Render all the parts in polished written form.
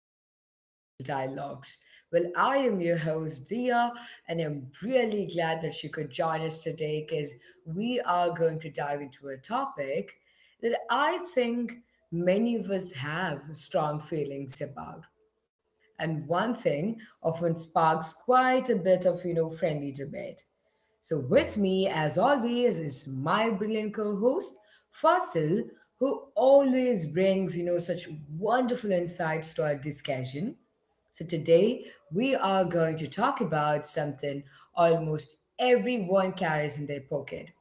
back to the Digital Dialogues. I am your host, Dia, and I'm really glad that you could join us today because we are going to dive into a topic that I think many of us have strong feelings about. And one thing often sparks quite a bit of, you know, friendly debate. So, with me, as always, is my brilliant co host, Fasil, who always brings, you know, such wonderful insights to our discussion. So, today we are going to talk about something almost everyone carries in their pocket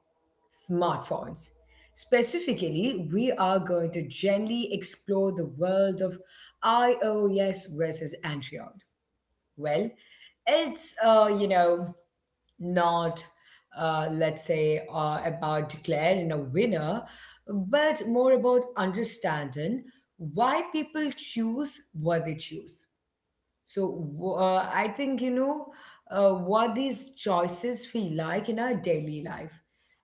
smartphones. Specifically, we are going to gently explore the world of iOS versus Android. Well, it's you know, not, let's say, about declaring a winner, but more about understanding why people choose what they choose. So I think you know what these choices feel like in our daily life,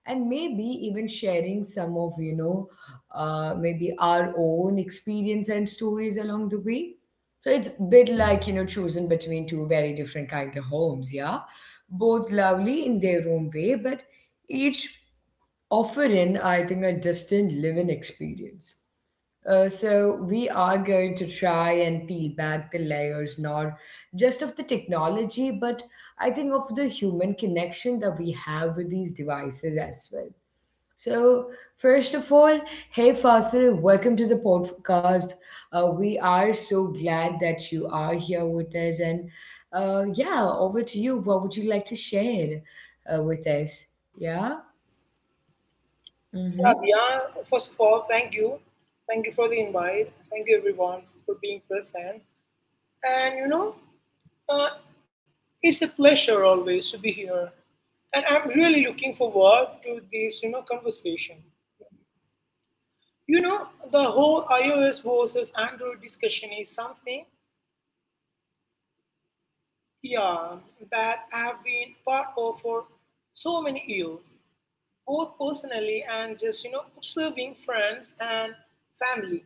and maybe even sharing some of you know maybe our own experience and stories along the way. So it's a bit like you know choosing between two very different kind of homes, yeah, both lovely in their own way, but each offering I think a distinct living experience. So we are going to try and peel back the layers, not just of the technology, but I think of the human connection that we have with these devices as well. So first of all, hey Fasil, welcome to the podcast. We are so glad that you are here with us, and yeah, over to you. What would you like to share with us? Yeah. Yeah, Mm-hmm. Diya, first of all, thank you. Thank you for the invite. Thank you, everyone, for being present. And uh, it's a pleasure always to be here. And I'm really looking forward to this conversation. You know, the whole iOS versus Android discussion is something, yeah, that I've been part of for so many years, both personally and just, observing friends and family.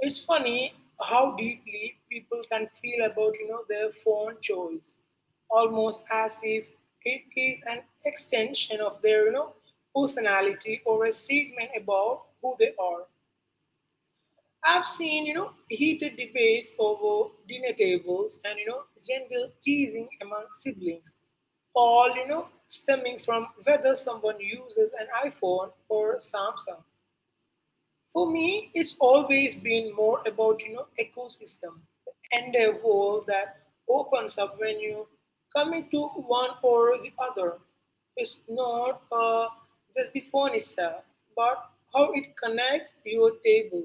It's funny how deeply people can feel about their phone choice, almost as if it is an extension of their personality or a statement about who they are. I've seen heated debates over dinner tables and gentle teasing among siblings, all stemming from whether someone uses an iPhone or Samsung. For me, it's always been more about ecosystem, the entire world that opens up when you commit to one or the other. It's not just the phone itself, but how it connects your table,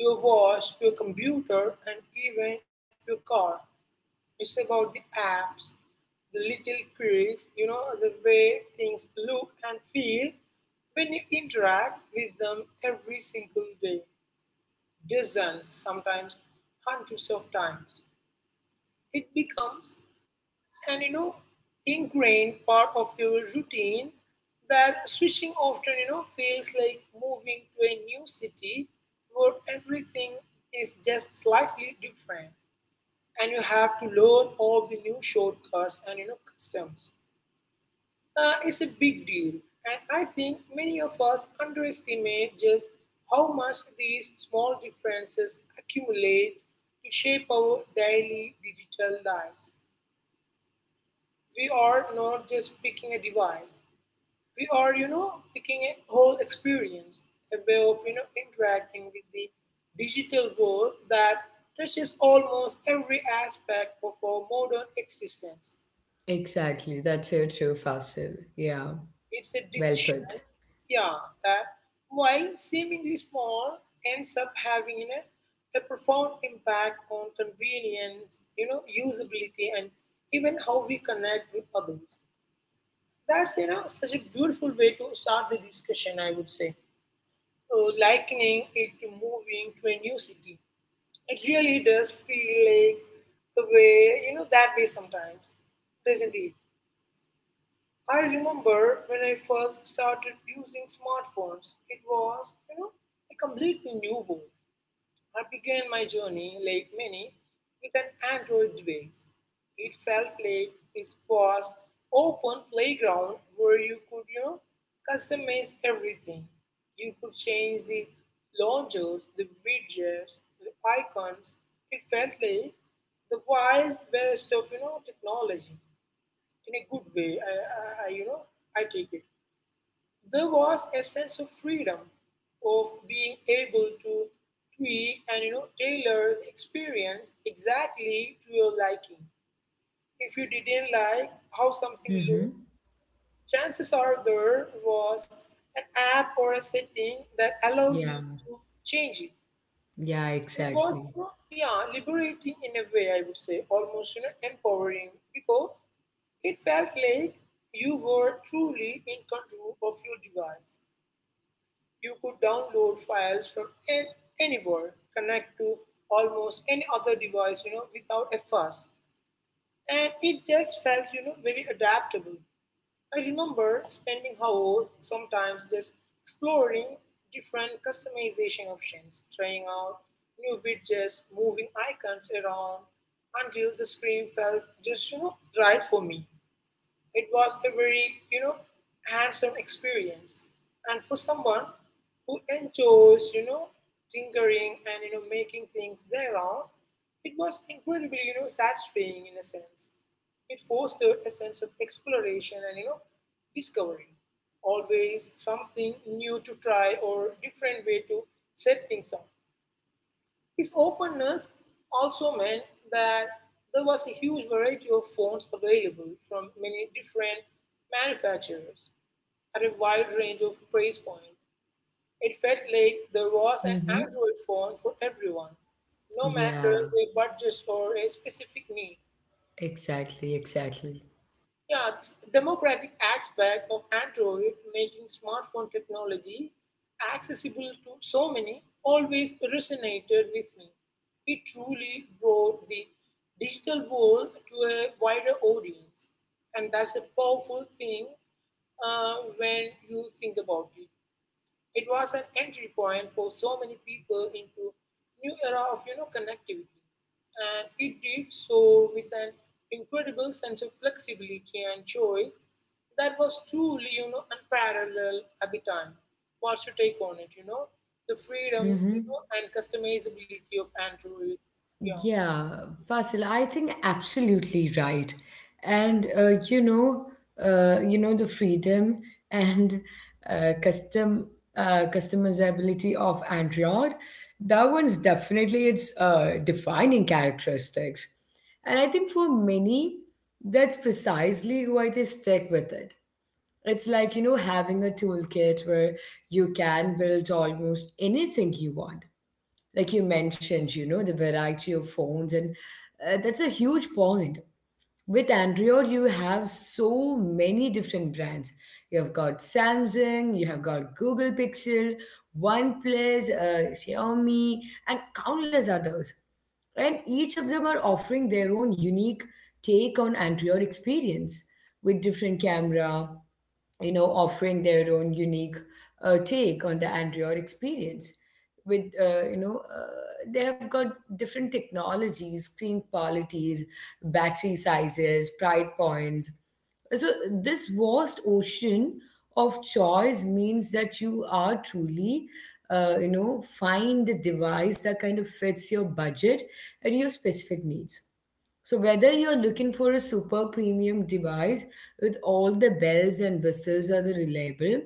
your watch, your computer, and even your car. It's about the apps, the little quirks, the way things look and feel when you interact with them every single day dozens, sometimes hundreds of times. It becomes an ingrained part of your routine that switching often feels like moving to a new city where everything is just slightly different and you have to learn all the new shortcuts and customs. It's a big deal, and I think many of us underestimate just how much these small differences accumulate to shape our daily digital lives. We are not just picking a device, we are, picking a whole experience, a way of, interacting with the digital world that touches almost every aspect of our modern existence. Exactly. That's so true, Fasil. Yeah. It's a Well decision, put. yeah, that while seemingly small, ends up having a profound impact on convenience, usability, and even how we connect with others. That's such a beautiful way to start the discussion. I would say, likening it to moving to a new city, it really does feel like the way that way sometimes, doesn't it? I remember when I first started using smartphones, it was, a completely new world. I began my journey, like many, with an Android device. It felt like this vast, open playground where you could, customize everything. You could change the launchers, the widgets, the icons. It felt like the wild west of, technology in a good way, I, you know, I take it. There was a sense of freedom, of being able to tweak and tailor the experience exactly to your liking. If you didn't like how something Mm-hmm. looked, chances are there was an app or a setting that allowed Yeah, you to change it. yeah, It was exactly. Yeah, liberating in a way I would say, almost empowering because it felt like you were truly in control of your device. You could download files from anywhere, connect to almost any other device, without a fuss. And it just felt, very adaptable. I remember spending hours sometimes just exploring different customization options, trying out new widgets, moving icons around until the screen felt just, right for me. It was a very, hands-on experience. And for someone who enjoys, tinkering and making things their own, it was incredibly, satisfying in a sense. It fostered a sense of exploration and discovery. Always something new to try or different way to set things up. His openness also meant that there was a huge variety of fonts available from many different manufacturers at a wide range of price point. It felt like there was an Mm-hmm. Android phone for everyone, no matter Yeah, their budget or a specific need. exactly, exactly. Yeah, this democratic aspect of Android making smartphone technology accessible to so many always resonated with me. It truly brought the digital world to a wider audience, and that's a powerful thing when you think about it. It was an entry point for so many people into new era of connectivity, and it did so with an incredible sense of flexibility and choice that was truly unparalleled at the time. What's your take on it? The freedom Mm-hmm. And customizability of Android. Yeah, Yeah, Fasil, I think absolutely right. And the freedom and uh, custom customizability of Android, that one's definitely its defining characteristics. And I think for many, that's precisely why they stick with it. It's like, you know, having a toolkit where you can build almost anything you want. Like you mentioned, you know, the variety of phones, and that's a huge point. With Android, you have so many different brands. You have got Samsung, you have got Google Pixel, OnePlus, Xiaomi, and countless others. And each of them are offering their own unique take on Android experience with different camera, you know, offering their own unique take on the Android experience. They have got different technologies, screen qualities, battery sizes, price points. So this vast ocean of choice means that you are truly you know, find the device that kind of fits your budget and your specific needs. So, whether you're looking for a super premium device with all the bells and whistles or the reliable,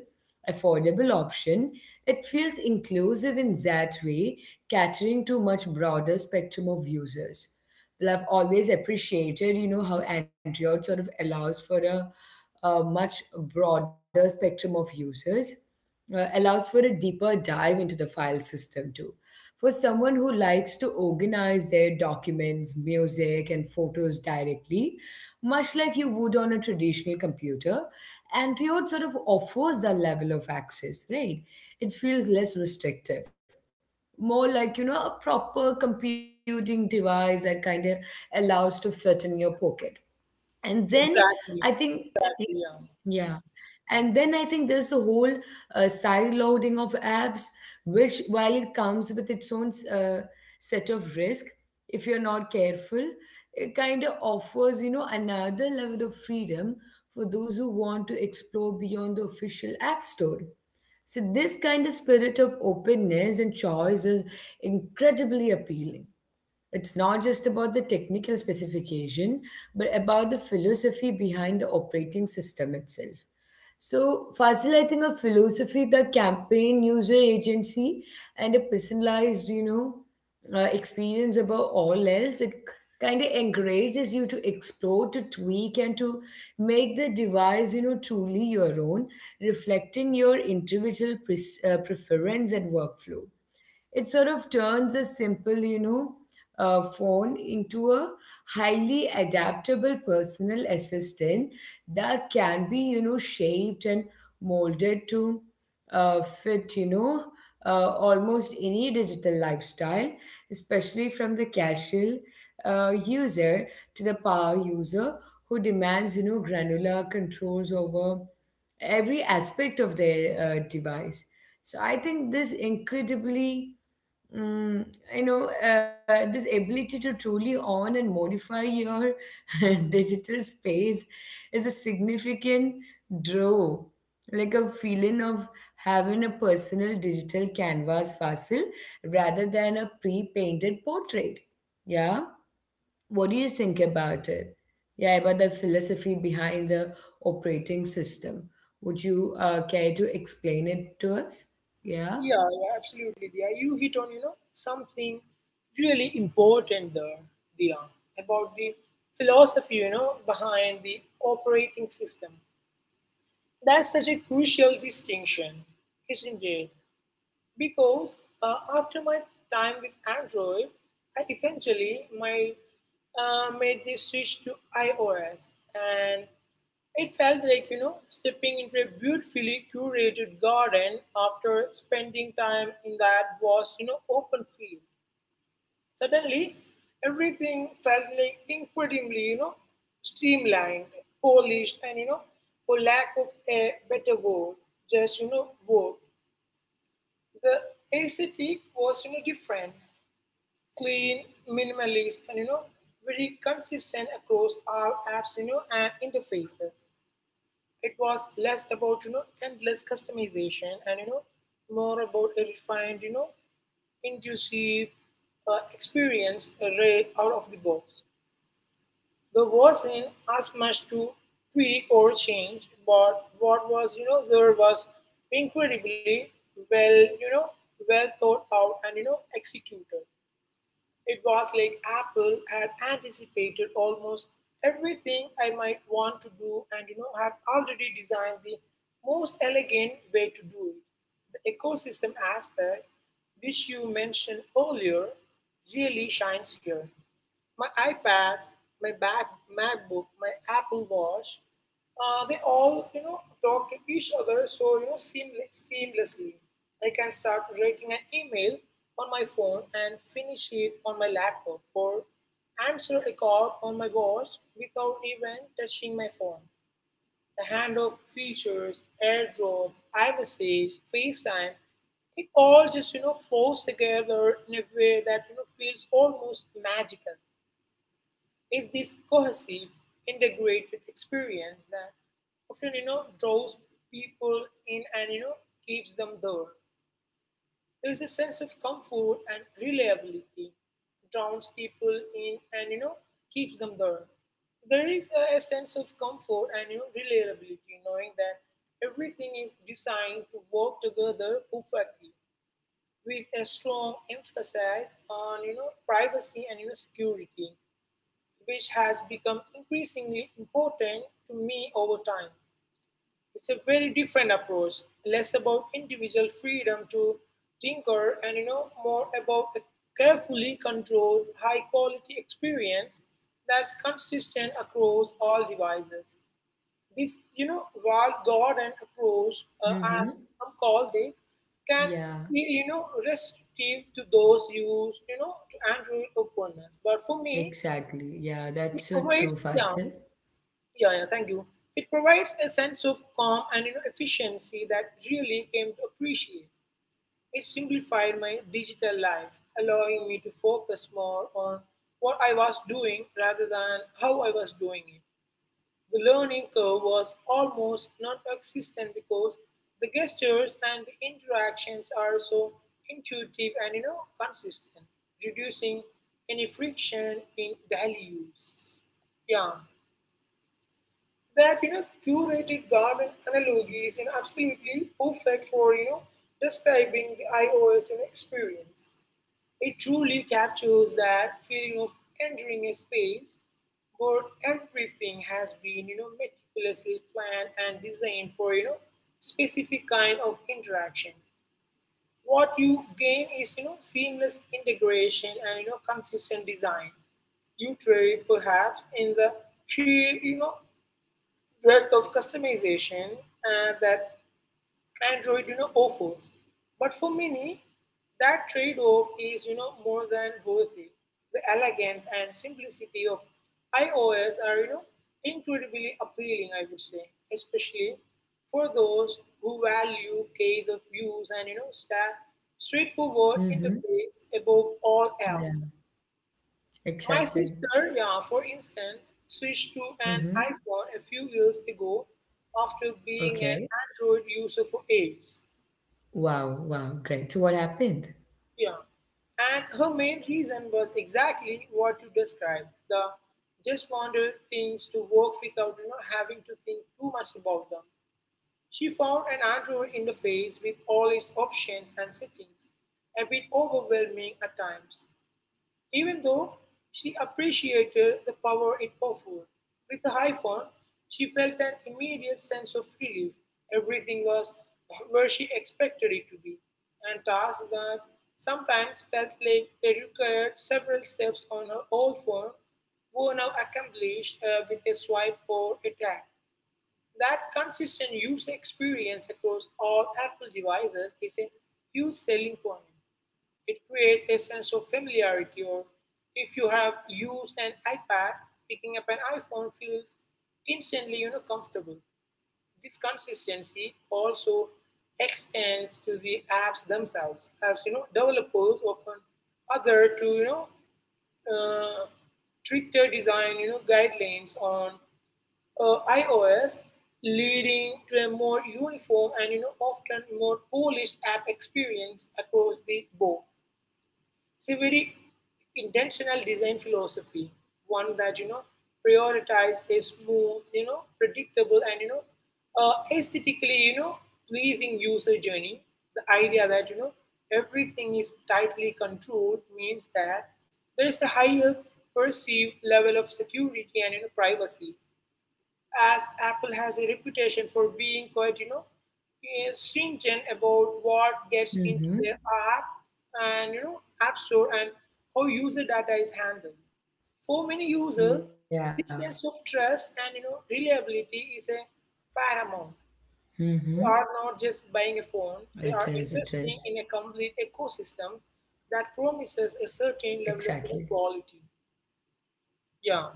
affordable option, it feels inclusive in that way, catering to much broader spectrum of users. Well, I've always appreciated, you know, how Android sort of allows for a much broader spectrum of users allows for a deeper dive into the file system too. For someone who likes to organize their documents, music, and photos directly, much like you would on a traditional computer, Android sort of offers that level of access, right? It feels less restrictive, more like you know a proper computing device that kind of allows to fit in your pocket. And then I exactly, think, exactly. Yeah. yeah, and then I think there's the whole side loading of apps, which while it comes with its own set of risk, if you're not careful, it kind of offers you know another level of freedom for those who want to explore beyond the official app store. So this kind of spirit of openness and choice is incredibly appealing. It's not just about the technical specification, but about the philosophy behind the operating system itself. So, Fasil, I think a philosophy, the campaign, user agency, and a personalized, you know, experience above all else, it kind of encourages you to explore, to tweak, and to make the device, you know, truly your own, reflecting your individual preference and workflow. It sort of turns a simple, you know, phone into a highly adaptable personal assistant that can be, you know, shaped and molded to fit, you know, almost any digital lifestyle, especially from the casual user to the power user who demands, you know, granular controls over every aspect of their device. So I think this incredibly Mm, you know, this ability to truly own and modify your digital space is a significant draw, like a feeling of having a personal digital canvas fossil rather than a pre-painted portrait. Yeah, what do you think about it? Yeah, about the philosophy behind the operating system. Would you care to explain it to us? Yeah. Yeah, yeah, absolutely. Yeah, you hit on something really important there, Dia, about the philosophy behind the operating system. That's such a crucial distinction, isn't it? Because after my time with Android, I made the switch to iOS, and it felt like stepping into a beautifully curated garden after spending time in that vast open field. Suddenly, everything felt like incredibly streamlined, polished, and for lack of a better word, just work. The aesthetic was different, clean, minimalist, and very consistent across all apps, and interfaces. It was less about endless customization and more about a refined, intuitive experience right out of the box. There wasn't as much to tweak or change, but what was, there was incredibly well, well thought out and executed. It was like Apple had anticipated almost everything I might want to do and had already designed the most elegant way to do it. The ecosystem aspect, which you mentioned earlier, really shines here. My iPad, my back, MacBook, my Apple Watch they all talk to each other so seamlessly. I can start writing an email on my phone and finish it on my laptop or answer a call on my watch without even touching my phone. The handoff features, AirDrop, iMessage, FaceTime, it all just flows together in a way that feels almost magical. It's this cohesive, integrated experience that often, draws people in and, keeps them there. There is a sense of comfort and reliability drowns people in and, keeps them there. There is a sense of comfort and, reliability, knowing that everything is designed to work together perfectly with a strong emphasis on, privacy and, security which has become increasingly important to me over time. It's a very different approach, less about individual freedom to tinker and more about a carefully controlled high quality experience that's consistent across all devices. This walled garden approach as Mm-hmm. some called it can Yeah. be restrictive to those used to Android openness. But for me, Exactly. Yeah, it that's so avoids, true, yeah, Fasil. yeah, thank you. It provides a sense of calm and efficiency that really came to appreciate. It simplified my digital life, allowing me to focus more on what I was doing rather than how I was doing it. The learning curve was almost non existent because the gestures and the interactions are so intuitive and consistent, reducing any friction in daily use. Yeah. That curated garden analogy is absolutely perfect for describing the iOS experience. It truly captures that feeling of entering a space where everything has been meticulously planned and designed for specific kind of interaction. What you gain is seamless integration and consistent design. You trade perhaps in the sheer breadth of customization that Android offers. But for many, that trade-off is more than worth it. The elegance and simplicity of iOS are incredibly appealing, I would say, especially for those who value case of use and straightforward Mm-hmm. interface above all Yeah, else. My exactly. sister, yeah, for instance, switched to an Mm-hmm. iPhone a few years ago after being an Okay. Android user for ages. Wow, wow, great. So what happened? Yeah. And her main reason was exactly what you described. The just wanted things to work without having to think too much about them. She found an Android interface with all its options and settings a bit overwhelming at times. Even though she appreciated the power it offered, with the iPhone, she felt an immediate sense of relief. Everything was where she expected it to be, and tasks that sometimes felt like they required several steps on her old phone were now accomplished with a swipe or a tap. That consistent user experience across all Apple devices is a huge selling point. It creates a sense of familiarity, or if you have used an iPad, picking up an iPhone feels instantly comfortable. This consistency also extends to the apps themselves, as developers often other to uh, stricter design guidelines on iOS, leading to a more uniform and often more polished app experience across the board. It's a very intentional design philosophy, one that prioritize a smooth, predictable and aesthetically, pleasing user journey. The idea that everything is tightly controlled means that there is a higher perceived level of security and privacy, as Apple has a reputation for being quite, stringent about what gets into Mm-hmm. their app and app store Yeah. and how user data is handled. For many Mm-hmm. users, this sense of trust and reliability is a paramount. They are It not is, it just buying a is. phone; they are investing in a complete ecosystem that promises a Exactly. certain level of quality. Yeah.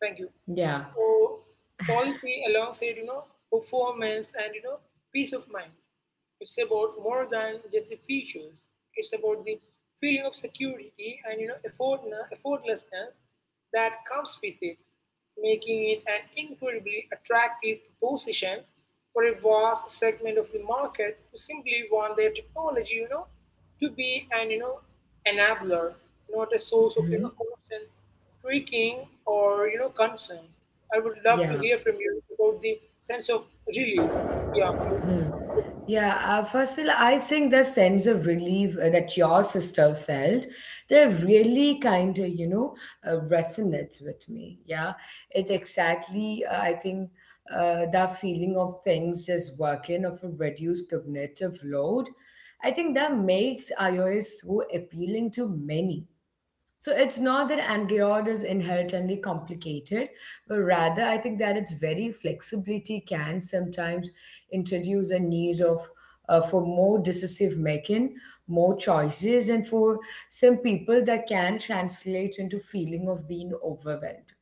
Thank you. Yeah. Or quality alongside, performance and, peace of mind. It's about more than just the features. It's about the feeling of security and effortlessness that comes with it, making it an incredibly attractive proposition for a vast segment of the market who simply want their technology, to be an enabler, not a source of Mm-hmm. constant tweaking or concern. I would love to Yeah. hear from you about the sense of relief. Yeah, it's Yeah, Fasil, I think the sense of relief that your sister felt, they really kind of, you know, resonates with me. Yeah, it exactly, I think, That feeling of things just working of a reduced cognitive load. I think that makes iOS so appealing to many, so it's not that Android is inherently complicated, but rather I think that its very flexibility can sometimes introduce a need of for more decisive making, more choices, and for some people that can translate into feeling of being overwhelmed.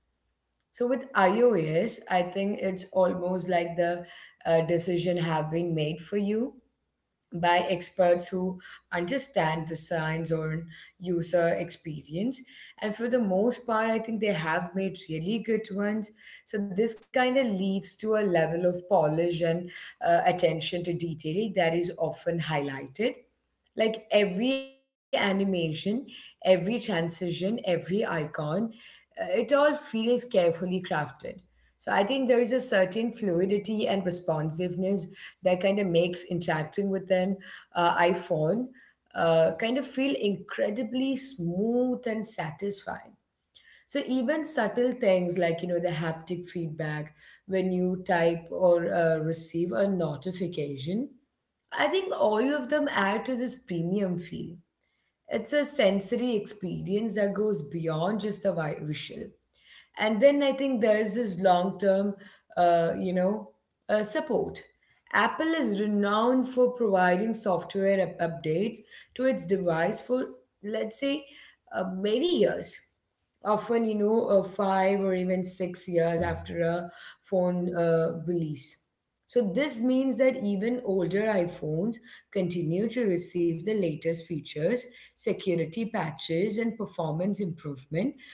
So with iOS, I think it's almost like the decision have been made for you by experts who understand the science or user experience. And for the most part, I think they have made really good ones. So this kind of leads to a level of polish and attention to detail that is often highlighted. Like every animation, every transition, every icon, it all feels carefully crafted. So I think there is a certain fluidity and responsiveness that kind of makes interacting with an iPhone kind of feel incredibly smooth and satisfying. So even subtle things like you know the haptic feedback when you type or receive a notification, I think all of them add to this premium feel. It's a sensory experience that goes beyond just the visual. And then I think there is this long term uh, you know support. Apple is renowned for providing software updates to its device for let's say many years, often you know five or even 6 years after a phone release. So this means that even older iPhones continue to receive the latest features, security patches, and performance improvement,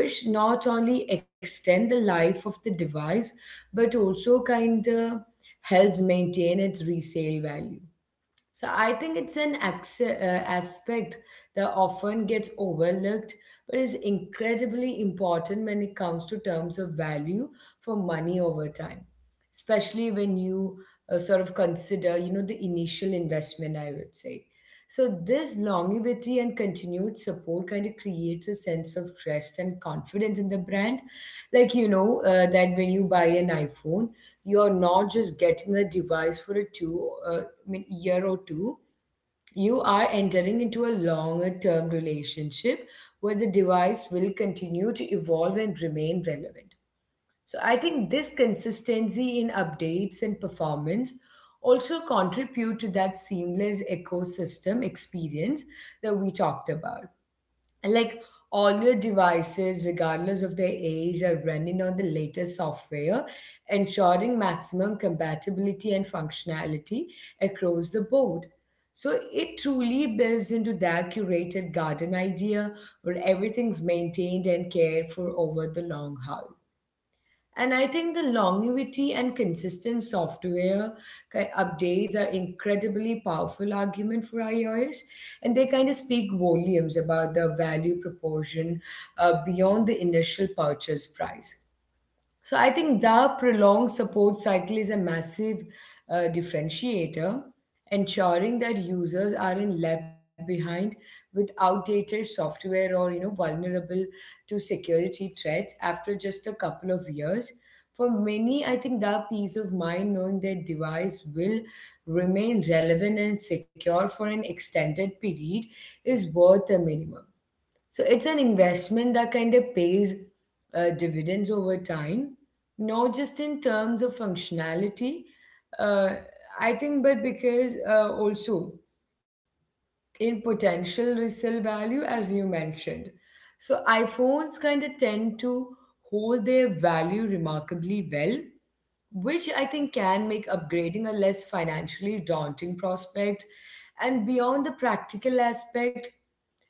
which not only extend the life of the device but also kind of helps maintain its resale value. So I think it's an aspect that often gets overlooked, but is incredibly important when it comes to terms of value for money over time, especially when you sort of consider, you know, the initial investment, I would say. So, this longevity and continued support kind of creates a sense of trust and confidence in the brand. Like, you know, that when you buy an iPhone, you're not just getting a device for a year or two. You are entering into a longer term relationship where the device will continue to evolve and remain relevant. So I think this consistency in updates and performance also contribute to that seamless ecosystem experience that we talked about. And like all your devices, regardless of their age, are running on the latest software, ensuring maximum compatibility and functionality across the board. So it truly builds into that curated garden idea where everything's maintained and cared for over the long haul. And I think the longevity and consistent software updates are incredibly powerful argument for iOS, and they kind of speak volumes about the value proportion beyond the initial purchase price. So I think the prolonged support cycle is a massive differentiator, ensuring that users aren't left behind with outdated software or you know vulnerable to security threats after just a couple of years. For many, I think the peace of mind knowing their device will remain relevant and secure for an extended period is worth the minimum. So it's an investment that kind of pays dividends over time, not just in terms of functionality, uh, I think, but because also in potential resale value as you mentioned. So iPhones kind of tend to hold their value remarkably well, which I think can make upgrading a less financially daunting prospect. And beyond the practical aspect,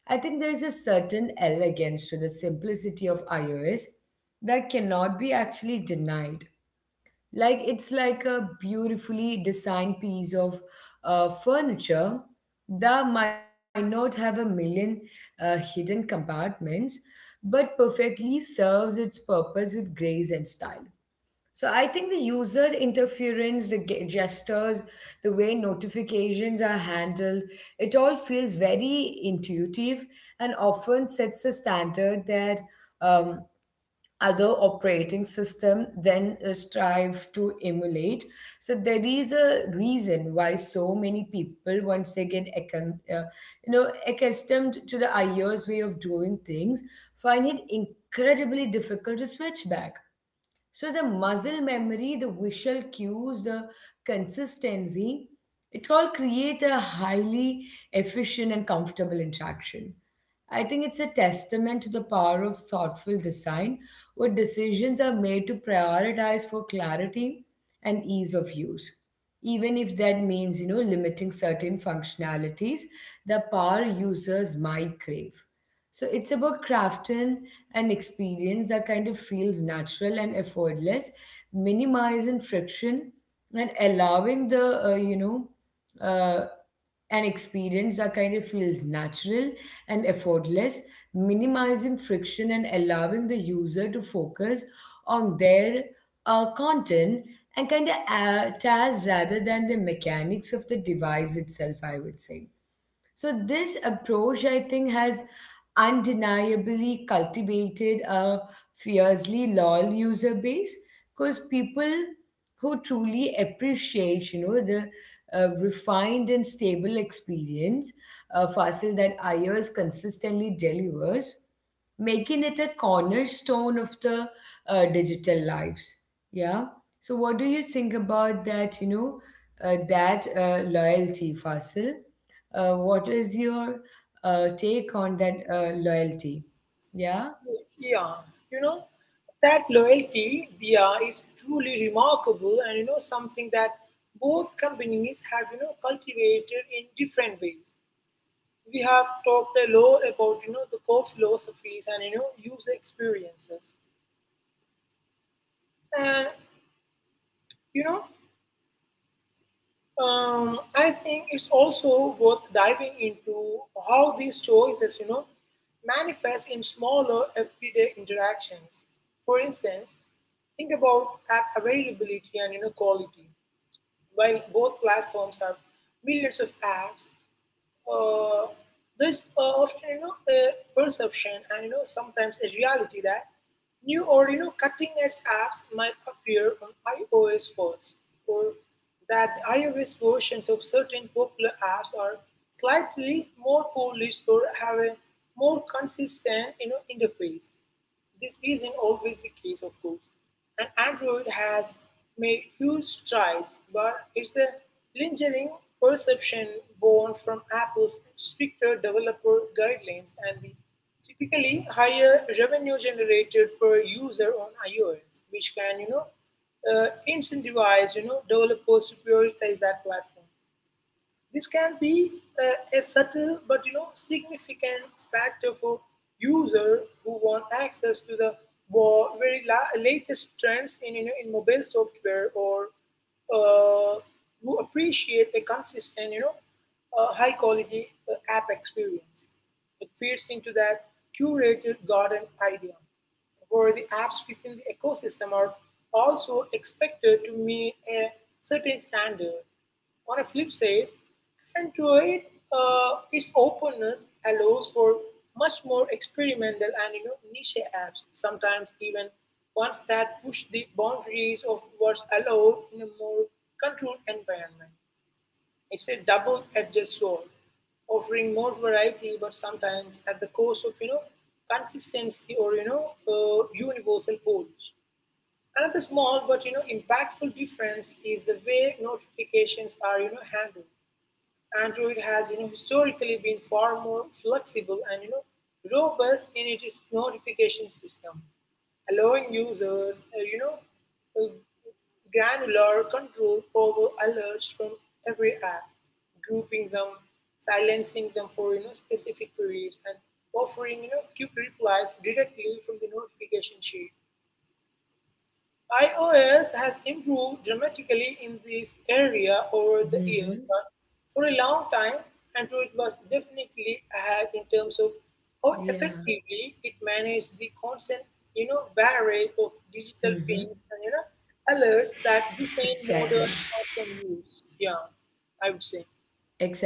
I think there is a certain elegance to the simplicity of iOS that cannot be actually denied. Like it's like a beautifully designed piece of furniture that might not have a million hidden compartments, but perfectly serves its purpose with grace and style. So I think the user interference, the gestures, the way notifications are handled, it all feels very intuitive and often sets a standard that um, other operating system then strive to emulate. So there is a reason why so many people, once they get accustomed to the iOS way of doing things, find it incredibly difficult to switch back. So the muscle memory, the visual cues, the consistency, it all create a highly efficient and comfortable interaction. I think it's a testament to the power of thoughtful design where decisions are made to prioritize for clarity and ease of use. Even if that means, you know, limiting certain functionalities the power users might crave. So it's about crafting an experience that kind of feels natural and effortless, minimizing friction and allowing uh, an experience that kind of feels natural and effortless, minimizing friction and allowing the user to focus on their content and kind of tasks rather than the mechanics of the device itself, I would say. So this approach, I think, has undeniably cultivated a fiercely loyal user base because people who truly appreciate, you know, the refined and stable experience Fasil that iOS consistently delivers, making it a cornerstone of the digital lives. Yeah. So, what do you think about that? That loyalty, Fasil? What is your take on that loyalty? Yeah. yeah, you know, that loyalty, Dia, is truly remarkable and, something that both companies have, cultivated in different ways. We have talked a lot about, the core philosophies and, user experiences. And, you know, I think it's also worth diving into how these choices, manifest in smaller everyday interactions. For instance, think about app availability and quality. While both platforms have millions of apps, uh, there's often a perception and sometimes a reality that new or cutting edge apps might appear on iOS first, or that the iOS versions of certain popular apps are slightly more polished or have a more consistent interface. This isn't always the case, of course, and Android has made huge strides, but it's a lingering perception born from Apple's stricter developer guidelines and the typically higher revenue generated per user on iOS, which can, incentivize, developers to prioritize that platform. This can be a subtle but significant factor for user who want access to the latest trends in in mobile software, or uh, who appreciate a consistent high quality app experience. It feeds into that curated garden idea where the apps within the ecosystem are also expected to meet a certain standard. On a flip side, Android, its openness allows for much more experimental and niche apps. Sometimes even ones that push the boundaries of what's allowed in a more controlled environment. It's a double-edged sword, offering more variety, but sometimes at the cost of consistency or universal polish. Another small but impactful difference is the way notifications are handled. Android has historically been far more flexible and robust in its notification system, allowing users uh, granular control over alerts from every app, grouping them, silencing them for specific queries, and offering quick replies directly from the notification sheet. iOS has improved dramatically in this area over the years, Mm-hmm. but for a long time, Android was definitely ahead in terms of how Yeah. effectively it managed the constant, barrage of digital Mm-hmm. pings and alerts that define Exactly. modern smartphone use. Yeah, I would say.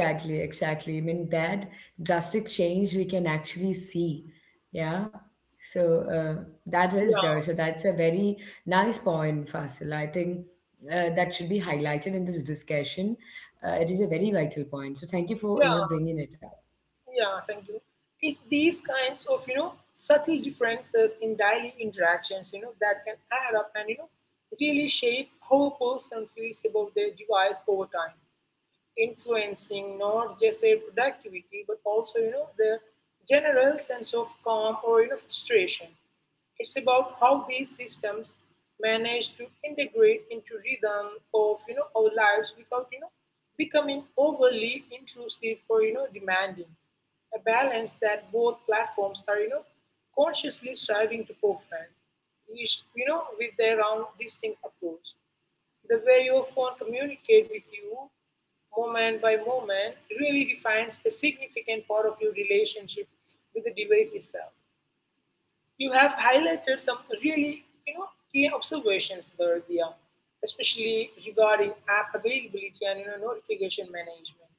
Yes. Exactly. I mean, that drastic change we can actually see. Yeah. So that is there. Yeah, So that's a very nice point, Fasil. I think that should be highlighted in this discussion. It is a very vital point. So thank you for yeah. you know bringing it up. Yeah, thank you. It's these kinds of subtle differences in daily interactions that can add up and really shape how a person feels about their device over time, influencing not just their productivity but also the general sense of calm or frustration. It's about how these systems manage to integrate into rhythm of our lives without becoming overly intrusive or demanding, a balance that both platforms are consciously striving to perfect, each with their own distinct approach. The way your phone communicates with you, moment by moment, really defines a significant part of your relationship with the device itself. You have highlighted some really, key observations there, Dia, especially regarding app availability and notification management.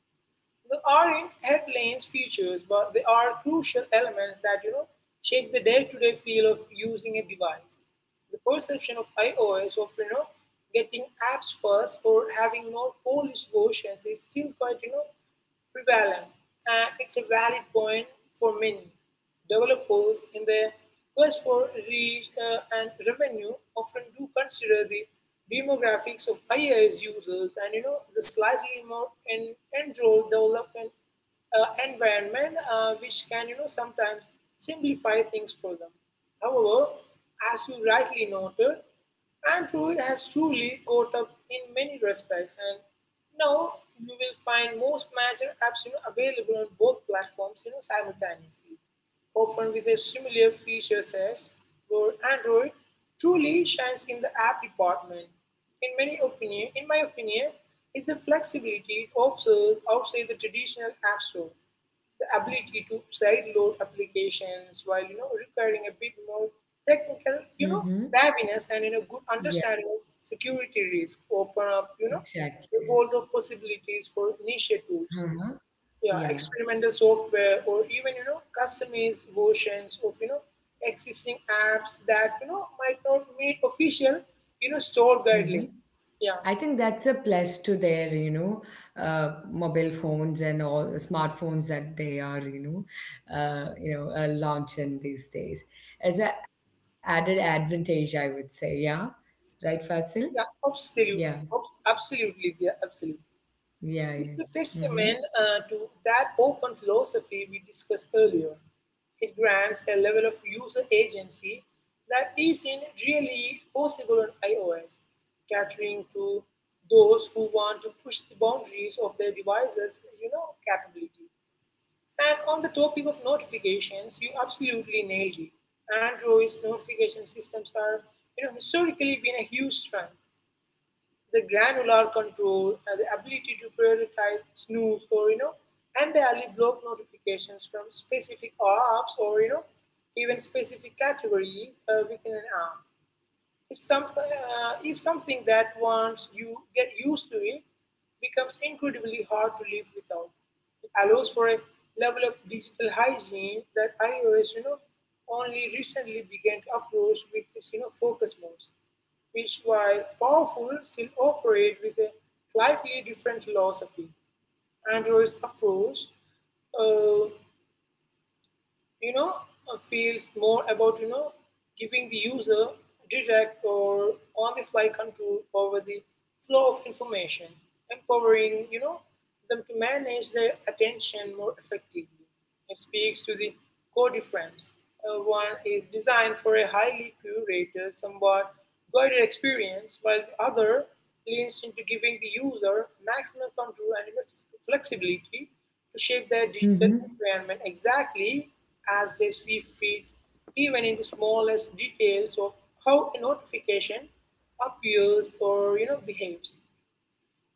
They are in headlines, features, but they are crucial elements that shape the day-to-day feel of using a device. The perception of iOS of getting apps first or having no polished versions is still quite prevalent, and it's a valid point for many. Developers, in their quest for reach and revenue, often do consider the demographics of IaaS users and the slightly more en- enrolled development environment, which can sometimes simplify things for them. However, as you rightly noted, Android has truly caught up in many respects, and now you will find most major apps available on both platforms simultaneously, often with a similar feature sets where Android truly shines in the app department. In my opinion, is the flexibility it offers outside the traditional app store, the ability to sideload applications while requiring a bit more technical Mm-hmm. savviness and good Yeah. understanding of security risk, open up Exactly. the world of possibilities for niche tools, Uh-huh. yeah, Yeah. experimental software, or even customized versions of existing apps that might not meet official store Mm-hmm. guidelines. Yeah, I think that's a plus to their, you know, mobile phones and all smartphones that they are, you know, launching these days as an added advantage, I would say. Yeah, right, Fasil. yeah, Yeah, absolutely. Absolutely, yeah, absolutely. yeah, yeah. It's a Mm-hmm. testament to that open philosophy we discussed earlier. It grants a level of user agency that isn't really possible on iOS, catering to those who want to push the boundaries of their devices, capabilities. And on the topic of notifications, you absolutely nailed it. Android's notification systems are, historically been a huge strength, the granular control, the ability to prioritize snooze or, entirely block notifications from specific apps or, even specific categories within an app. It's something, is something that once you get used to it, becomes incredibly hard to live without. It allows for a level of digital hygiene that iOS, only recently began to approach with this, focus modes, which while powerful, still operate with a slightly different philosophy. Android's approach uh, you know, feels more about, giving the user direct or on-the-fly control over the flow of information, empowering, them to manage their attention more effectively. It speaks to the core difference. One is designed for a highly curated, somewhat guided experience, while the other leans into giving the user maximum control and flexibility to shape their Mm-hmm. digital environment exactly as they see fit, even in the smallest details of how a notification appears or behaves.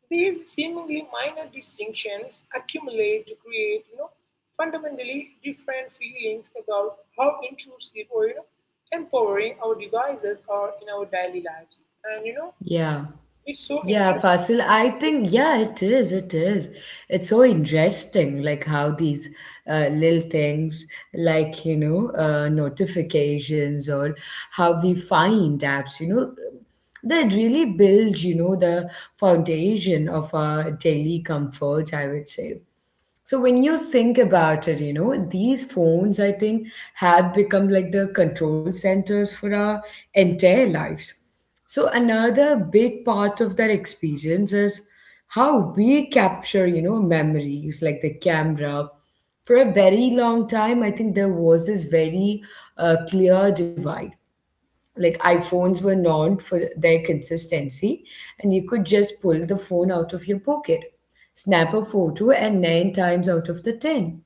These seemingly minor distinctions accumulate to create fundamentally different feelings about how intrusive or empowering our devices are in our daily lives. And Yeah. it's so Yeah, interesting. Fasil, I think, yeah, it is. It is. It's so interesting, like how these little things, like, you know, notifications or how we find apps, you know, that really build, you know, the foundation of our daily comfort, I would say. So when you think about it, you know, these phones, I think, have become like the control centers for our entire lives. So another big part of that experience is how we capture, you know, memories like the camera. For a very long time, I think there was this very clear divide, like iPhones were known for their consistency, and you could just pull the phone out of your pocket, snap a photo, and nine times out of the ten,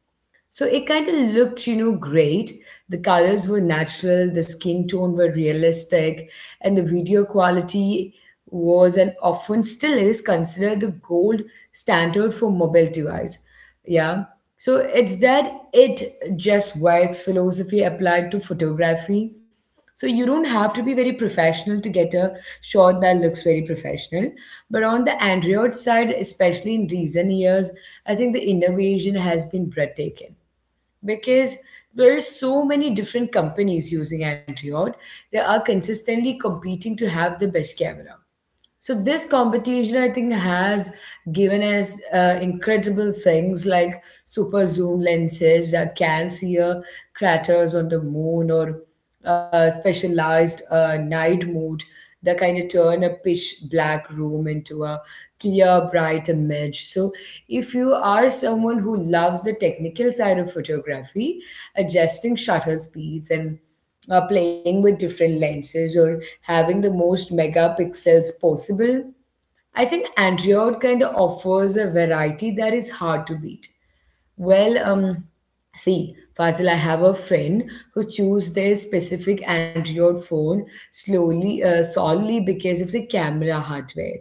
so it kind of looked, you know, great. The colors were natural, the skin tone were realistic, and the video quality was, and often still is, considered the gold standard for mobile device. Yeah. So it's that it just works philosophy applied to photography. So you don't have to be very professional to get a shot that looks very professional. But on the Android side, especially in recent years, I think the innovation has been breathtaking because there are so many different companies using Android. They are consistently competing to have the best camera. So this competition, I think, has given us incredible things like super zoom lenses that can see craters on the moon or specialized night mode that kind of turn a pitch black room into a clear, bright image. So if you are someone who loves the technical side of photography, adjusting shutter speeds and playing with different lenses or having the most megapixels possible. I think Android kind of offers a variety that is hard to beat. Well, see, Fazil, I have a friend who chose their specific Android phone solely because of the camera hardware.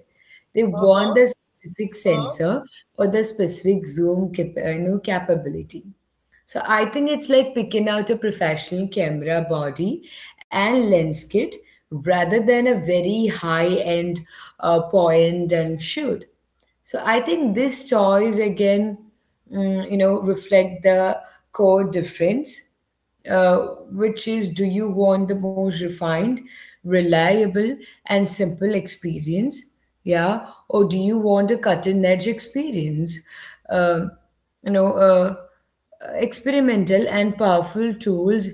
They want Uh-huh, the specific uh-huh. sensor or the specific you know, capability. So I think it's like picking out a professional camera body and lens kit rather than a very high end point and shoot. So I think this choice again, you know, reflect the core difference, uh, which is, do you want the most refined, reliable, and simple experience? Yeah, or do you want a cutting edge experience? Um, you know, uh, experimental and powerful tools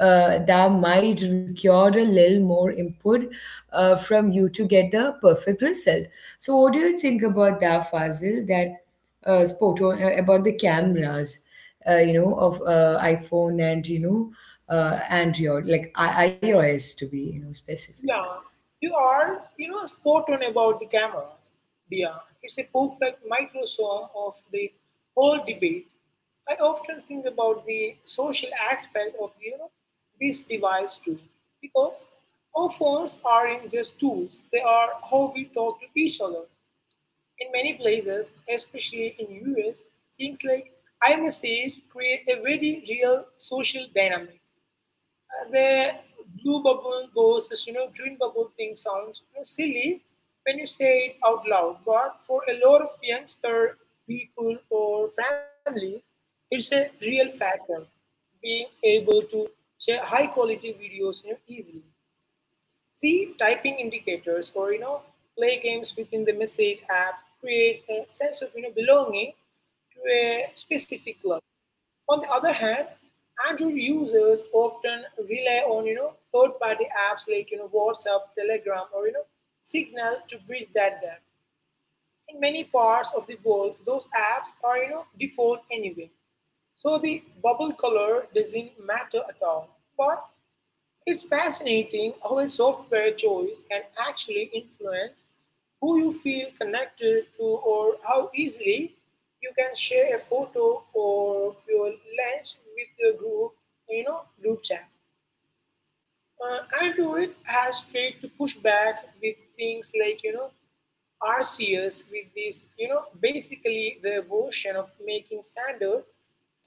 that might require a little more input from you to get the perfect result. So, what do you think about that, Fazil? That spoke on, about the cameras, you know, of iPhone and you know, Android, like iOS to be you know specific. Yeah, you are, spot on about the cameras. Yeah, it's a perfect microsome of the whole debate. I often think about the social aspect of, this device too, because our phones aren't just tools; they are how we talk to each other. In many places, especially in US, things like iMessage create a very real social dynamic. The blue bubble goes, as green bubble thing sounds silly when you say it out loud, but for a lot of youngster people or family, it's a real factor. Being able to share high quality videos easily. See typing indicators or play games within the message app creates a sense of belonging to a specific club. On the other hand, Android users often rely on third-party apps like WhatsApp, Telegram, or Signal to bridge that gap. In many parts of the world, those apps are default anyway, so the bubble color doesn't matter at all. But it's fascinating how a software choice can actually influence who you feel connected to or how easily you can share a photo or your lunch with your group, group chat. I do it has tried to push back with things like, RCS with this, basically the version of making standard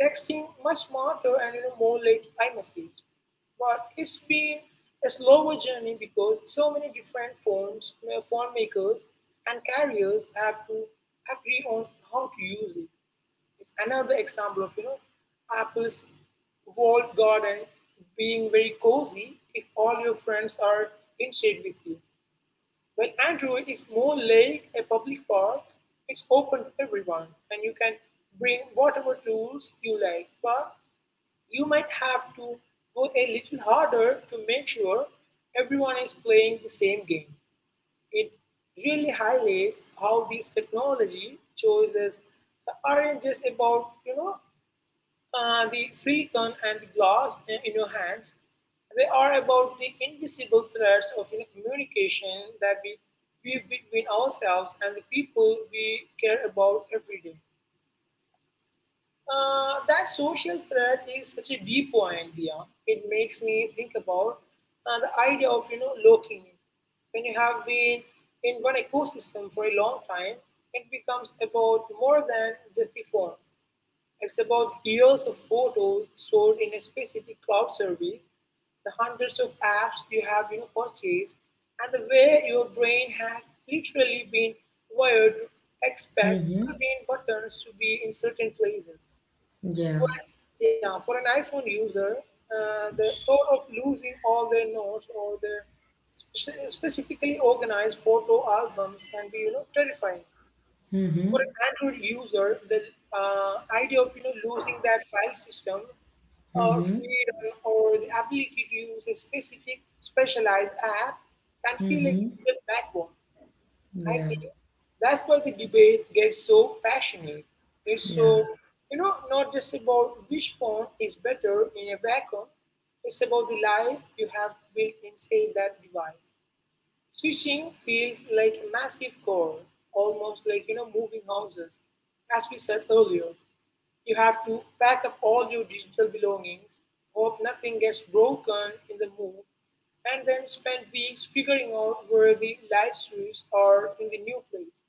texting much smarter and, more like iMessage. But it's been a slower journey because so many different forms, phone makers and carriers have to agree on how to use it is another example of Apple's walled garden being very cozy if all your friends are in shade with you. Well, Android is more like a public park, it's open to everyone and you can bring whatever tools you like, but you might have to go a little harder to make sure everyone is playing the same game. It really highlights how these technology choices aren't just about the silicon and the glass in your hands. They are about the invisible threads of communication that we weave between ourselves and the people we care about every day. That social thread is such a deep point, Dia. It makes me think about the idea of locking in. When you have been in one ecosystem for a long time, it becomes about more than just the form. It's about years of photos stored in a specific cloud service, the hundreds of apps you have purchased, and the way your brain has literally been wired to expect Mm-hmm. certain buttons to be in certain places Yeah. for, yeah, for an iPhone user, the thought of losing all their notes or their specifically organized photo albums can be, terrifying. For an Mm-hmm. Android user, the uh, idea of, losing that file system or Mm-hmm. freedom or the ability to use a specific specialized app can feel like it's a Mm-hmm. step backward. I think Yeah. that's why the debate gets so passionate. It's so, Yeah. you know, not just about which phone is better in a vacuum, it's about the life you have built inside that device. Switching feels like a massive chore, almost like, moving houses, as we said earlier. You have to pack up all your digital belongings, hope nothing gets broken in the move, and then spend weeks figuring out where the light switches are in the new place.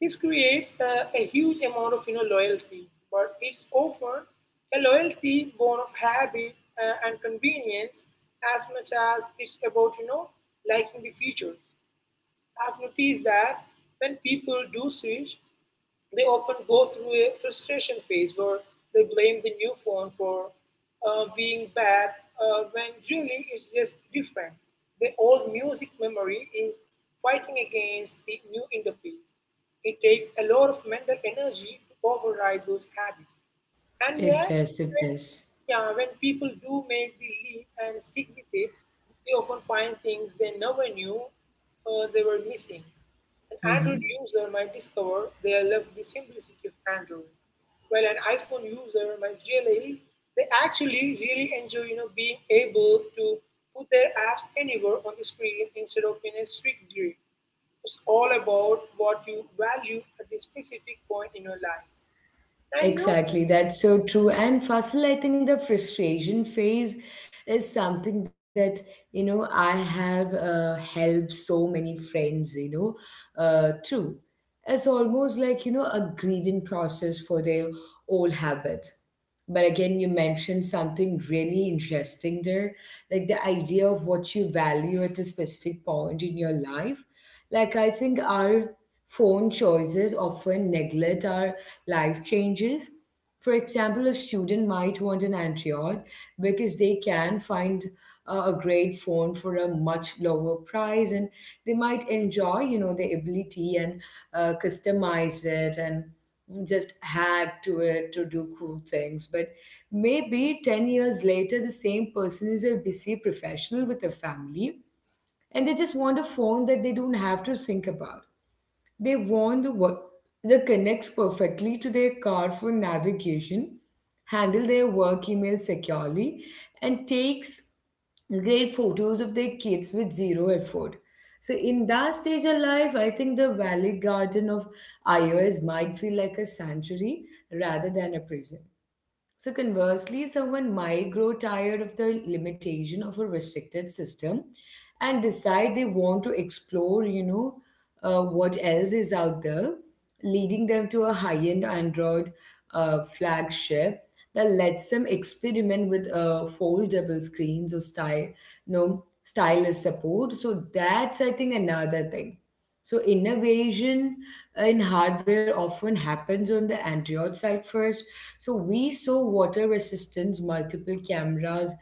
This creates a huge amount of loyalty, but it's often a loyalty born of habit and convenience as much as it's about liking the features. I've noticed that when people do switch, they often go through a frustration phase where they blame the new phone for being bad when really it's just different. The old music memory is fighting against the new interface. It takes a lot of mental energy to override those habits. And yeah, It does. when, It does. yeah, when people do make the leap and stick with it, they often find things they never knew they were missing. An Android Mm-hmm. user might discover they love the simplicity of Android, while an iPhone user might realize they actually really enjoy, being able to put their apps anywhere on the screen instead of in a strict grid. It's all about what you value at the specific point in your life. And you know, Exactly, that's so true. And Fasil, I think the frustration phase is something that you know I have helped so many friends, through. It's almost like you know a grieving process for their old habit. But again, you mentioned something really interesting there, like the idea of what you value at a specific point in your life. Like I think our phone choices often neglect our life changes. For example, a student might want an Android because they can find a great phone for a much lower price, and they might enjoy, you know, the ability and customize it and just hack to it to do cool things. But maybe 10 years later, the same person is a busy professional with a family and they just want a phone that they don't have to think about. They want the work that connects perfectly to their car for navigation, handle their work email securely, and takes great photos of their kids with zero effort. So in that stage of life, I think the Valley Garden of iOS might feel like a sanctuary rather than a prison. So, conversely, someone might grow tired of the limitation of a restricted system and decide they want to explore, what else is out there, leading them to a high end Android flagship that lets them experiment with foldable screens or stylus support. So that's, I think, another thing. So, innovation in hardware often happens on the Android side first. So we saw water resistance, multiple cameras,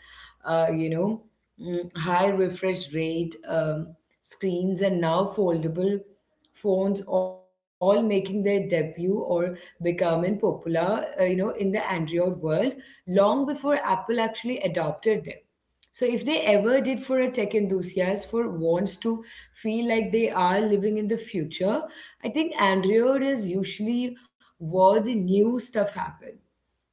uh, you know, high refresh rate screens, and now foldable phones, all making their debut or becoming popular, in the Android world long before Apple actually adopted them. So if they ever did, for a tech enthusiast for wants to feel like they are living in the future, I think Android is usually where the new stuff happens.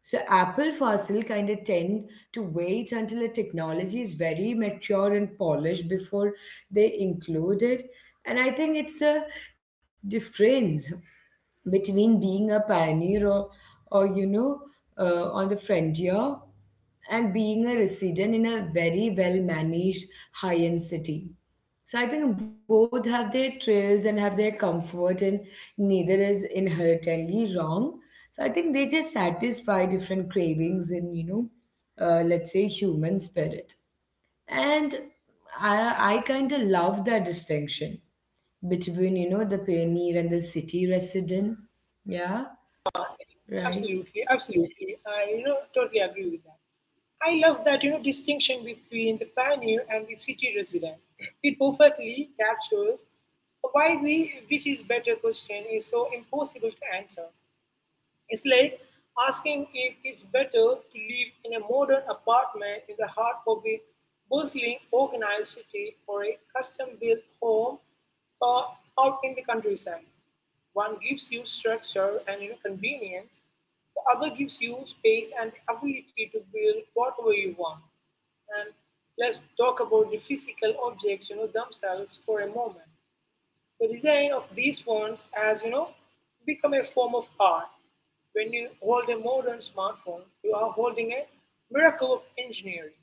So Apple fossil kind of tend to wait until the technology is very mature and polished before they include it. And I think it's a difference between being a pioneer or you know, on the frontier and being a resident in a very well managed high end city. So I think both have their trails and have their comfort, and neither is inherently wrong. So I think they just satisfy different cravings in, let's say, human spirit. And I kind of love that distinction between you know the pioneer and the city resident. Yeah, yeah, absolutely, right. absolutely. I totally agree with that. I love that distinction between the pioneer and the city resident. It perfectly captures why the which is better question is so impossible to answer. It's like asking if it's better to live in a modern apartment in the heart of a bustling, organized city or a custom built home uh, out in the countryside. One gives you structure and convenience, the other gives you space and the ability to build whatever you want. And let's talk about the physical objects themselves for a moment. The design of these phones has become a form of art. When you hold a modern smartphone, you are holding a miracle of engineering.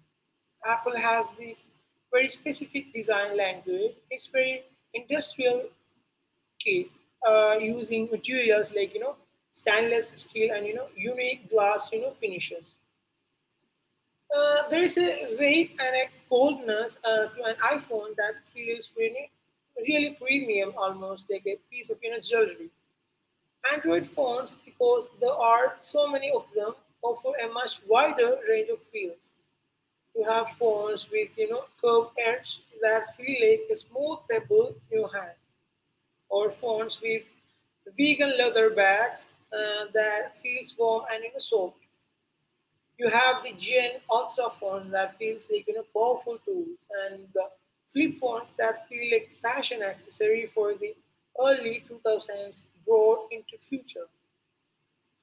Apple has this very specific design language. It's very industrial key, using materials like stainless steel and unique glass finishes. There is a weight and a coldness to an iPhone that feels really, really premium, almost like a piece of jewelry. Android phones, because there are so many of them, offer a much wider range of feels. You have phones with curved edge that feel like a smooth pebble in your hand, or phones with vegan leather bags that feels warm and soft you have the Gen Ultra phones that feels like powerful tools, and the flip phones that feel like fashion accessory for the early 2000s brought into future.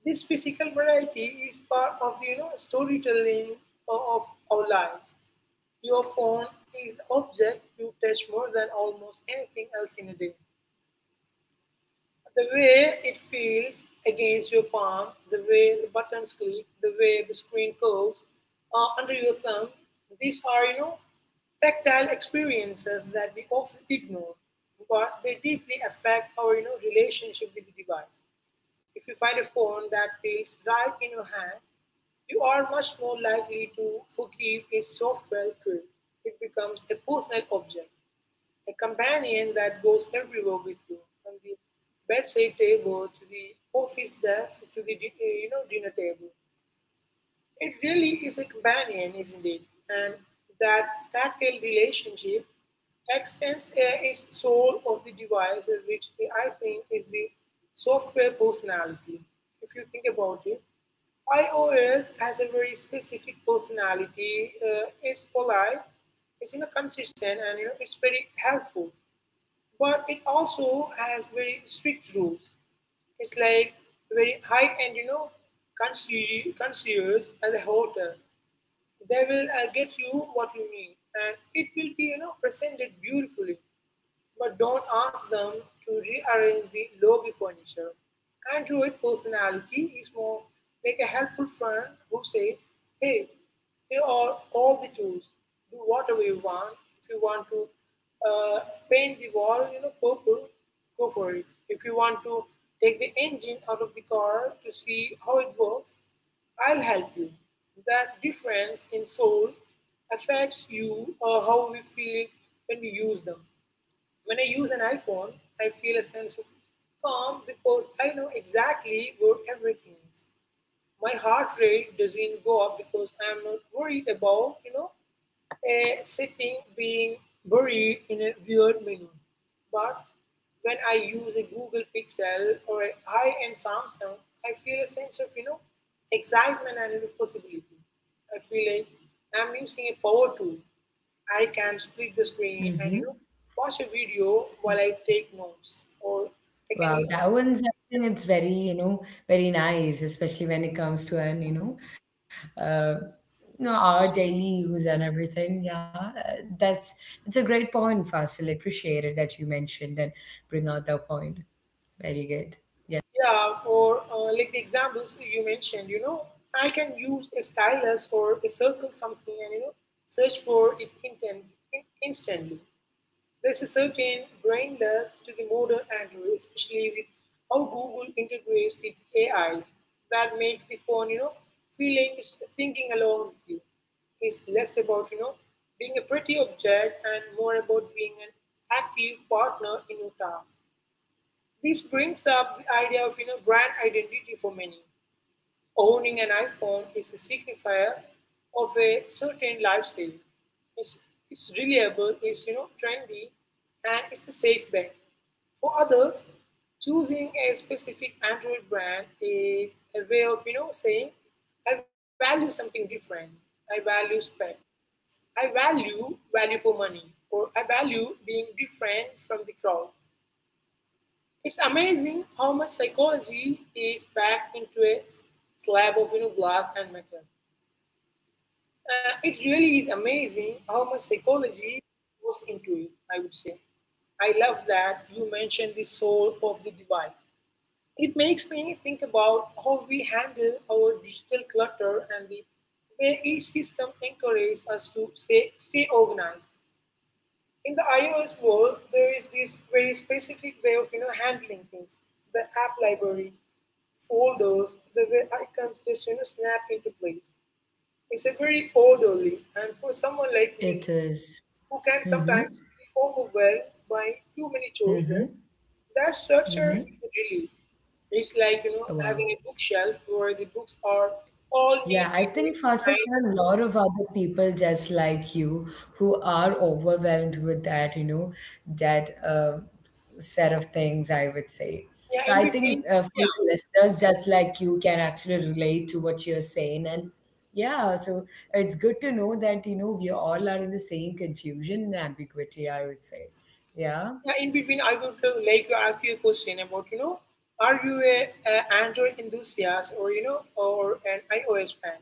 This physical variety is part of the storytelling of our lives. Your phone is the object you touch more than almost anything else in a day. The way it feels against your palm, the way the buttons click, the way the screen curves under your thumb, these are, tactile experiences that we often ignore, but they deeply affect our, relationship with the device. If you find a phone that feels right in your hand, you are much more likely to forgive its software trip. It becomes a personal object a companion that goes everywhere with you, from the bedside table to the office desk to the dinner table. It really is a companion, isn't it? And that tactile relationship extends its soul of the device, which I think is the software personality. If you think about it, iOS has a very specific personality. It's polite, it's consistent, and it's very helpful but it also has very strict rules. It's like very high end, concierge at the hotel. They will get you what you need, and it will be, presented beautifully. But don't ask them to rearrange the lobby furniture. Android personality is more like a helpful friend who says, Hey, here are all the tools. Do whatever you want. If you want to uh, paint the wall, purple, go for it. If you want to take the engine out of the car to see how it works, I'll help you. That difference in soul affects you or how we feel when we use them. When I use an iPhone, I feel a sense of calm because I know exactly where everything is. My heart rate doesn't go up because I'm not worried about, a setting being buried in a weird menu. But when I use a Google Pixel or a high-end Samsung, I feel a sense of, excitement and possibility. I feel like I'm using a power tool I can split the screen and Mm-hmm. Pause a video Yeah. while I take notes, or I can Wow, use that one's I think it's very you know very nice, especially when it comes to an uh, you know our daily use and everything. Yeah, that's it's a great point, Fasil. Appreciate it that you mentioned and bring out that point. Very good. Yeah, yeah, or like the examples you mentioned, I can use a stylus or a circle something and search for it in, instantly. There's a certain brainless to the modern Android, especially with how Google integrates its AI that makes the phone, feel like it's thinking along with you. It's less about, being a pretty object and more about being an active partner in your task. This brings up the idea of, brand identity for many. Owning an iPhone is a signifier of a certain lifestyle. It's, it's reliable, it's trendy, and it's a safe bet. For others, choosing a specific Android brand is a way of saying, I value something different. I value specs. I value value for money, or I value being different from the crowd. It's amazing how much psychology is packed into a slab of glass and metal. It really is amazing how much psychology goes into it, I would say. I love that you mentioned the soul of the device. It makes me think about how we handle our digital clutter and the way each system encourages us to say, stay organized. In the iOS world, there is this very specific way of handling things. The app library, folders, the way icons just snap into place. It's a very orderly, and for someone like it me, is. who can Mm-hmm. sometimes be overwhelmed by too many Mm-hmm. choices, that Mm-hmm. structure is a relief. It's like Wow. having a bookshelf where the books are all Yeah, I neatly think Fasil, there organized. are a lot of other people just like you who are overwhelmed with that, you know, that set of things, I would say. Yeah, So in I think between, for yeah, the listeners, just like you can actually relate to what you're saying. And yeah, so it's good to know that, you know, we all are in the same confusion and ambiguity, I would say. Yeah. yeah, in between, I would like to ask you a question about are you a Android enthusiast or or an iOS fan?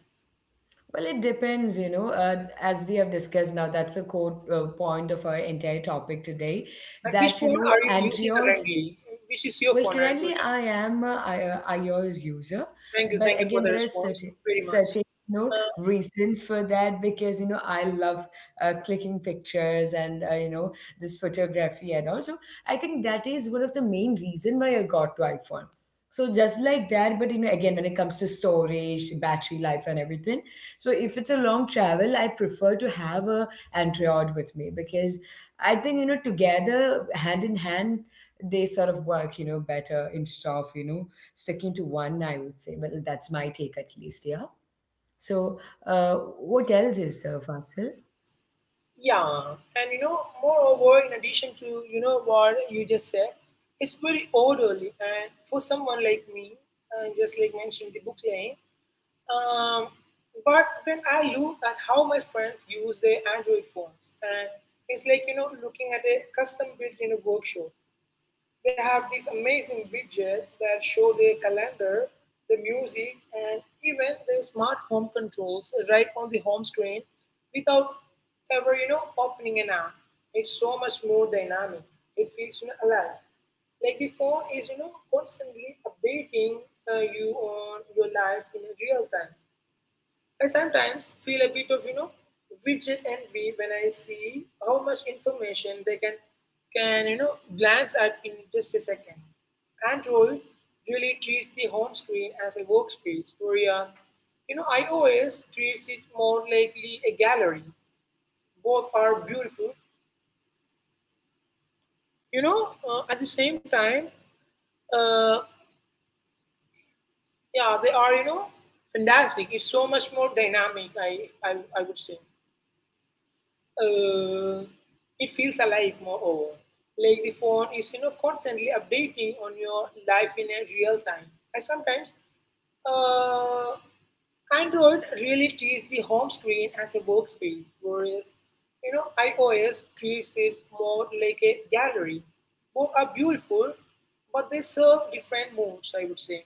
Well, it depends, you know. As we have discussed now, that's a core point of our entire topic today. And which That you phone know, are you using Android, currently? Which is your well, phone, Android? currently I am a iOS user, but Thank you for again, the there are response certain very much. certain you know Uh, reasons for that because you know I love clicking pictures and you know this photography, and also I think that is one of the main reason why I got to iPhone. So just like that, but you know again when it comes to storage, battery life, and everything, so if it's a long travel, I prefer to have a Android with me because I think you know together hand in hand they sort of work, you know, better instead of, you know, sticking to one, I would say. Well, that's my take at least, yeah. So, what else is there, Fasil? yeah, and you know, moreover, in addition to what you just said, it's very orderly. And for someone like me, just like mentioned the book lane, um, but then I look at how my friends use their Android phones, and it's like looking at a custom built in a workshop. They have these amazing widgets that show their calendar, the music, and even their smart home controls right on the home screen without ever, opening an app. It's so much more dynamic. It feels alive. Like the phone is, constantly updating you on your life in real time. I sometimes feel a bit of, widget envy when I see how much information they can glance at in just a second. Android really treats the home screen as a workspace, whereas iOS treats it more likely a gallery. Both are beautiful, you know. At the same time, uh, yeah, they are fantastic. It's so much more dynamic. I, I would say. uh, it feels alive moreover. Like the phone is constantly updating on your life in a real time. I sometimes uh, Android really treats the home screen as a workspace, whereas iOS treats it more like a gallery. Both are beautiful, but they serve different moods, I would say.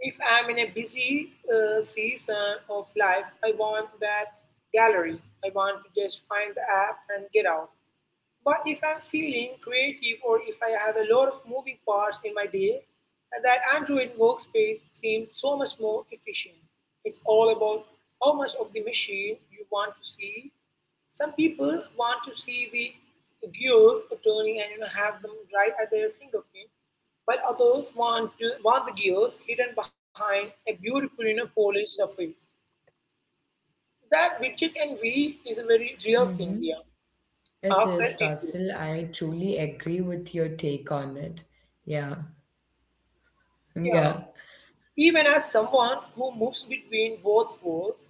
If I'm in a busy season of life, I want that gallery. I want to just find the app and get out. But if I'm feeling creative or if I have a lot of moving parts in my day, that Android workspace seems so much more efficient. It's all about how much of the machine you want to see. Some people want to see the gears turning and have them right at their fingerprint, while others want the gears hidden behind a beautiful, polished surface. That widget envy is a very real thing, Mm-hmm. yeah. I It is, felt it too. Fasil. I truly agree with your take on it. Yeah. Yeah. Yeah. Even as someone who moves between both worlds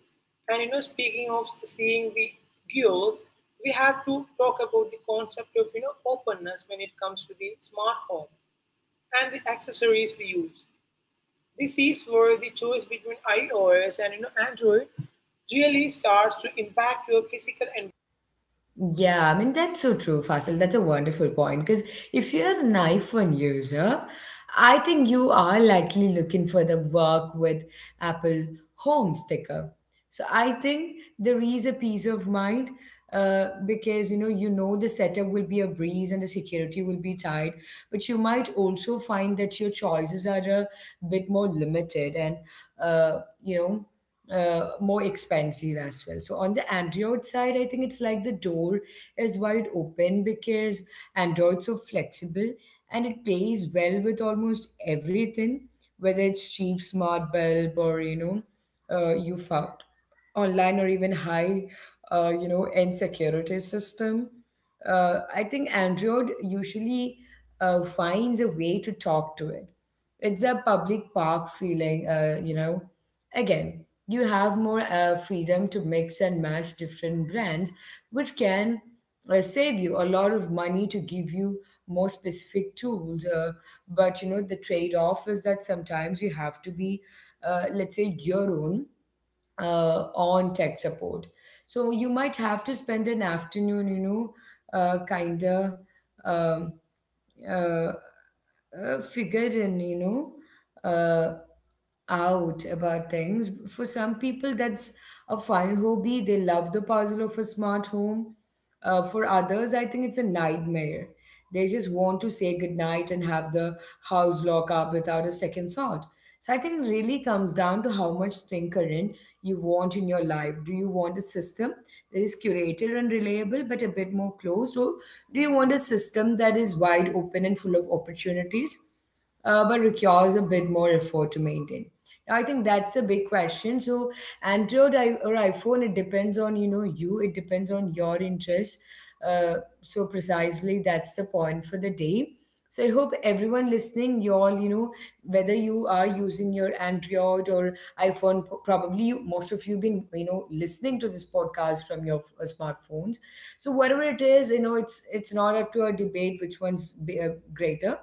and speaking of seeing the gears we have to talk about the concept of openness when it comes to the smart home and the accessories we use this is where the choice between iOS and Android really starts to impact your physical environment Yeah, I mean, that's so true, Fasil. That's a wonderful point. Because if you're an iPhone user, I think you are likely looking for the work with Apple Home sticker. So I think there is a peace of mind because you know the setup will be a breeze and the security will be tight, but you might also find that your choices are a bit more limited and uh, you know more expensive as well. So on the Android side, I think it's like the door is wide open because Android's so flexible and it plays well with almost everything, whether it's cheap smart bulb or you found online or even high you know end security system. I think Android usually finds a way to talk to it. It's a public park feeling, you know. Again, you have more freedom to mix and match different brands, which can save you a lot of money to give you more specific tools. But you know, the trade off is that sometimes you have to be, let's say, your own on tech support. So you might have to spend an afternoon, you know, kind of um, uh, figured in, you know. Uh, out about things. For some people, that's a fun hobby. They love the puzzle of a smart home. For others, I think it's a nightmare. They just want to say goodnight and have the house lock up without a second thought. So I think it really comes down to how much tinkering you want in your life. Do you want a system that is curated and reliable but a bit more closed, or do you want a system that is wide open and full of opportunities? But requires a bit more effort to maintain. I think that's a big question. So or iPhone, it depends on you know you. It depends on your interest. Uh, so precisely, that's the point for the day. So I hope everyone listening, you all, you know, whether you are using your Android or iPhone, probably you, most of you been, you know, listening to this podcast from your smartphones. So whatever it is, you know, it's not up to a debate which one's greater.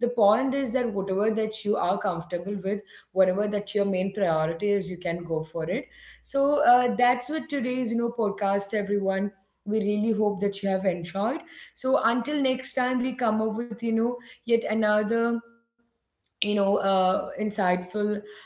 The point is that whatever that you are comfortable with, whatever that your main priority is, you can go for it. So that's what today's you know podcast everyone, we really hope that you have enjoyed. So until next time we come up with you know yet another insightful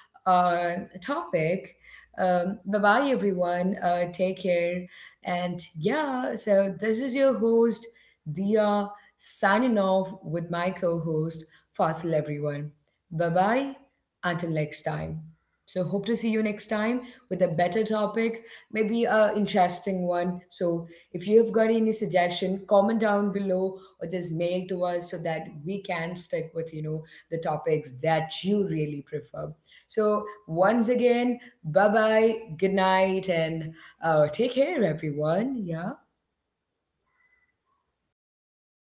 uh, topic. Bye bye, everyone. Take care. And yeah, so this is your host, Dia, signing off with my co host, Fasil, everyone. Bye bye. Until next time. So, hope to see you next time with a better topic, maybe a interesting one. So, if you have got any suggestion, comment down below or just mail to us so that we can stick with you know the topics that you really prefer. So, once again, bye bye, good night, and take care, everyone. Yeah.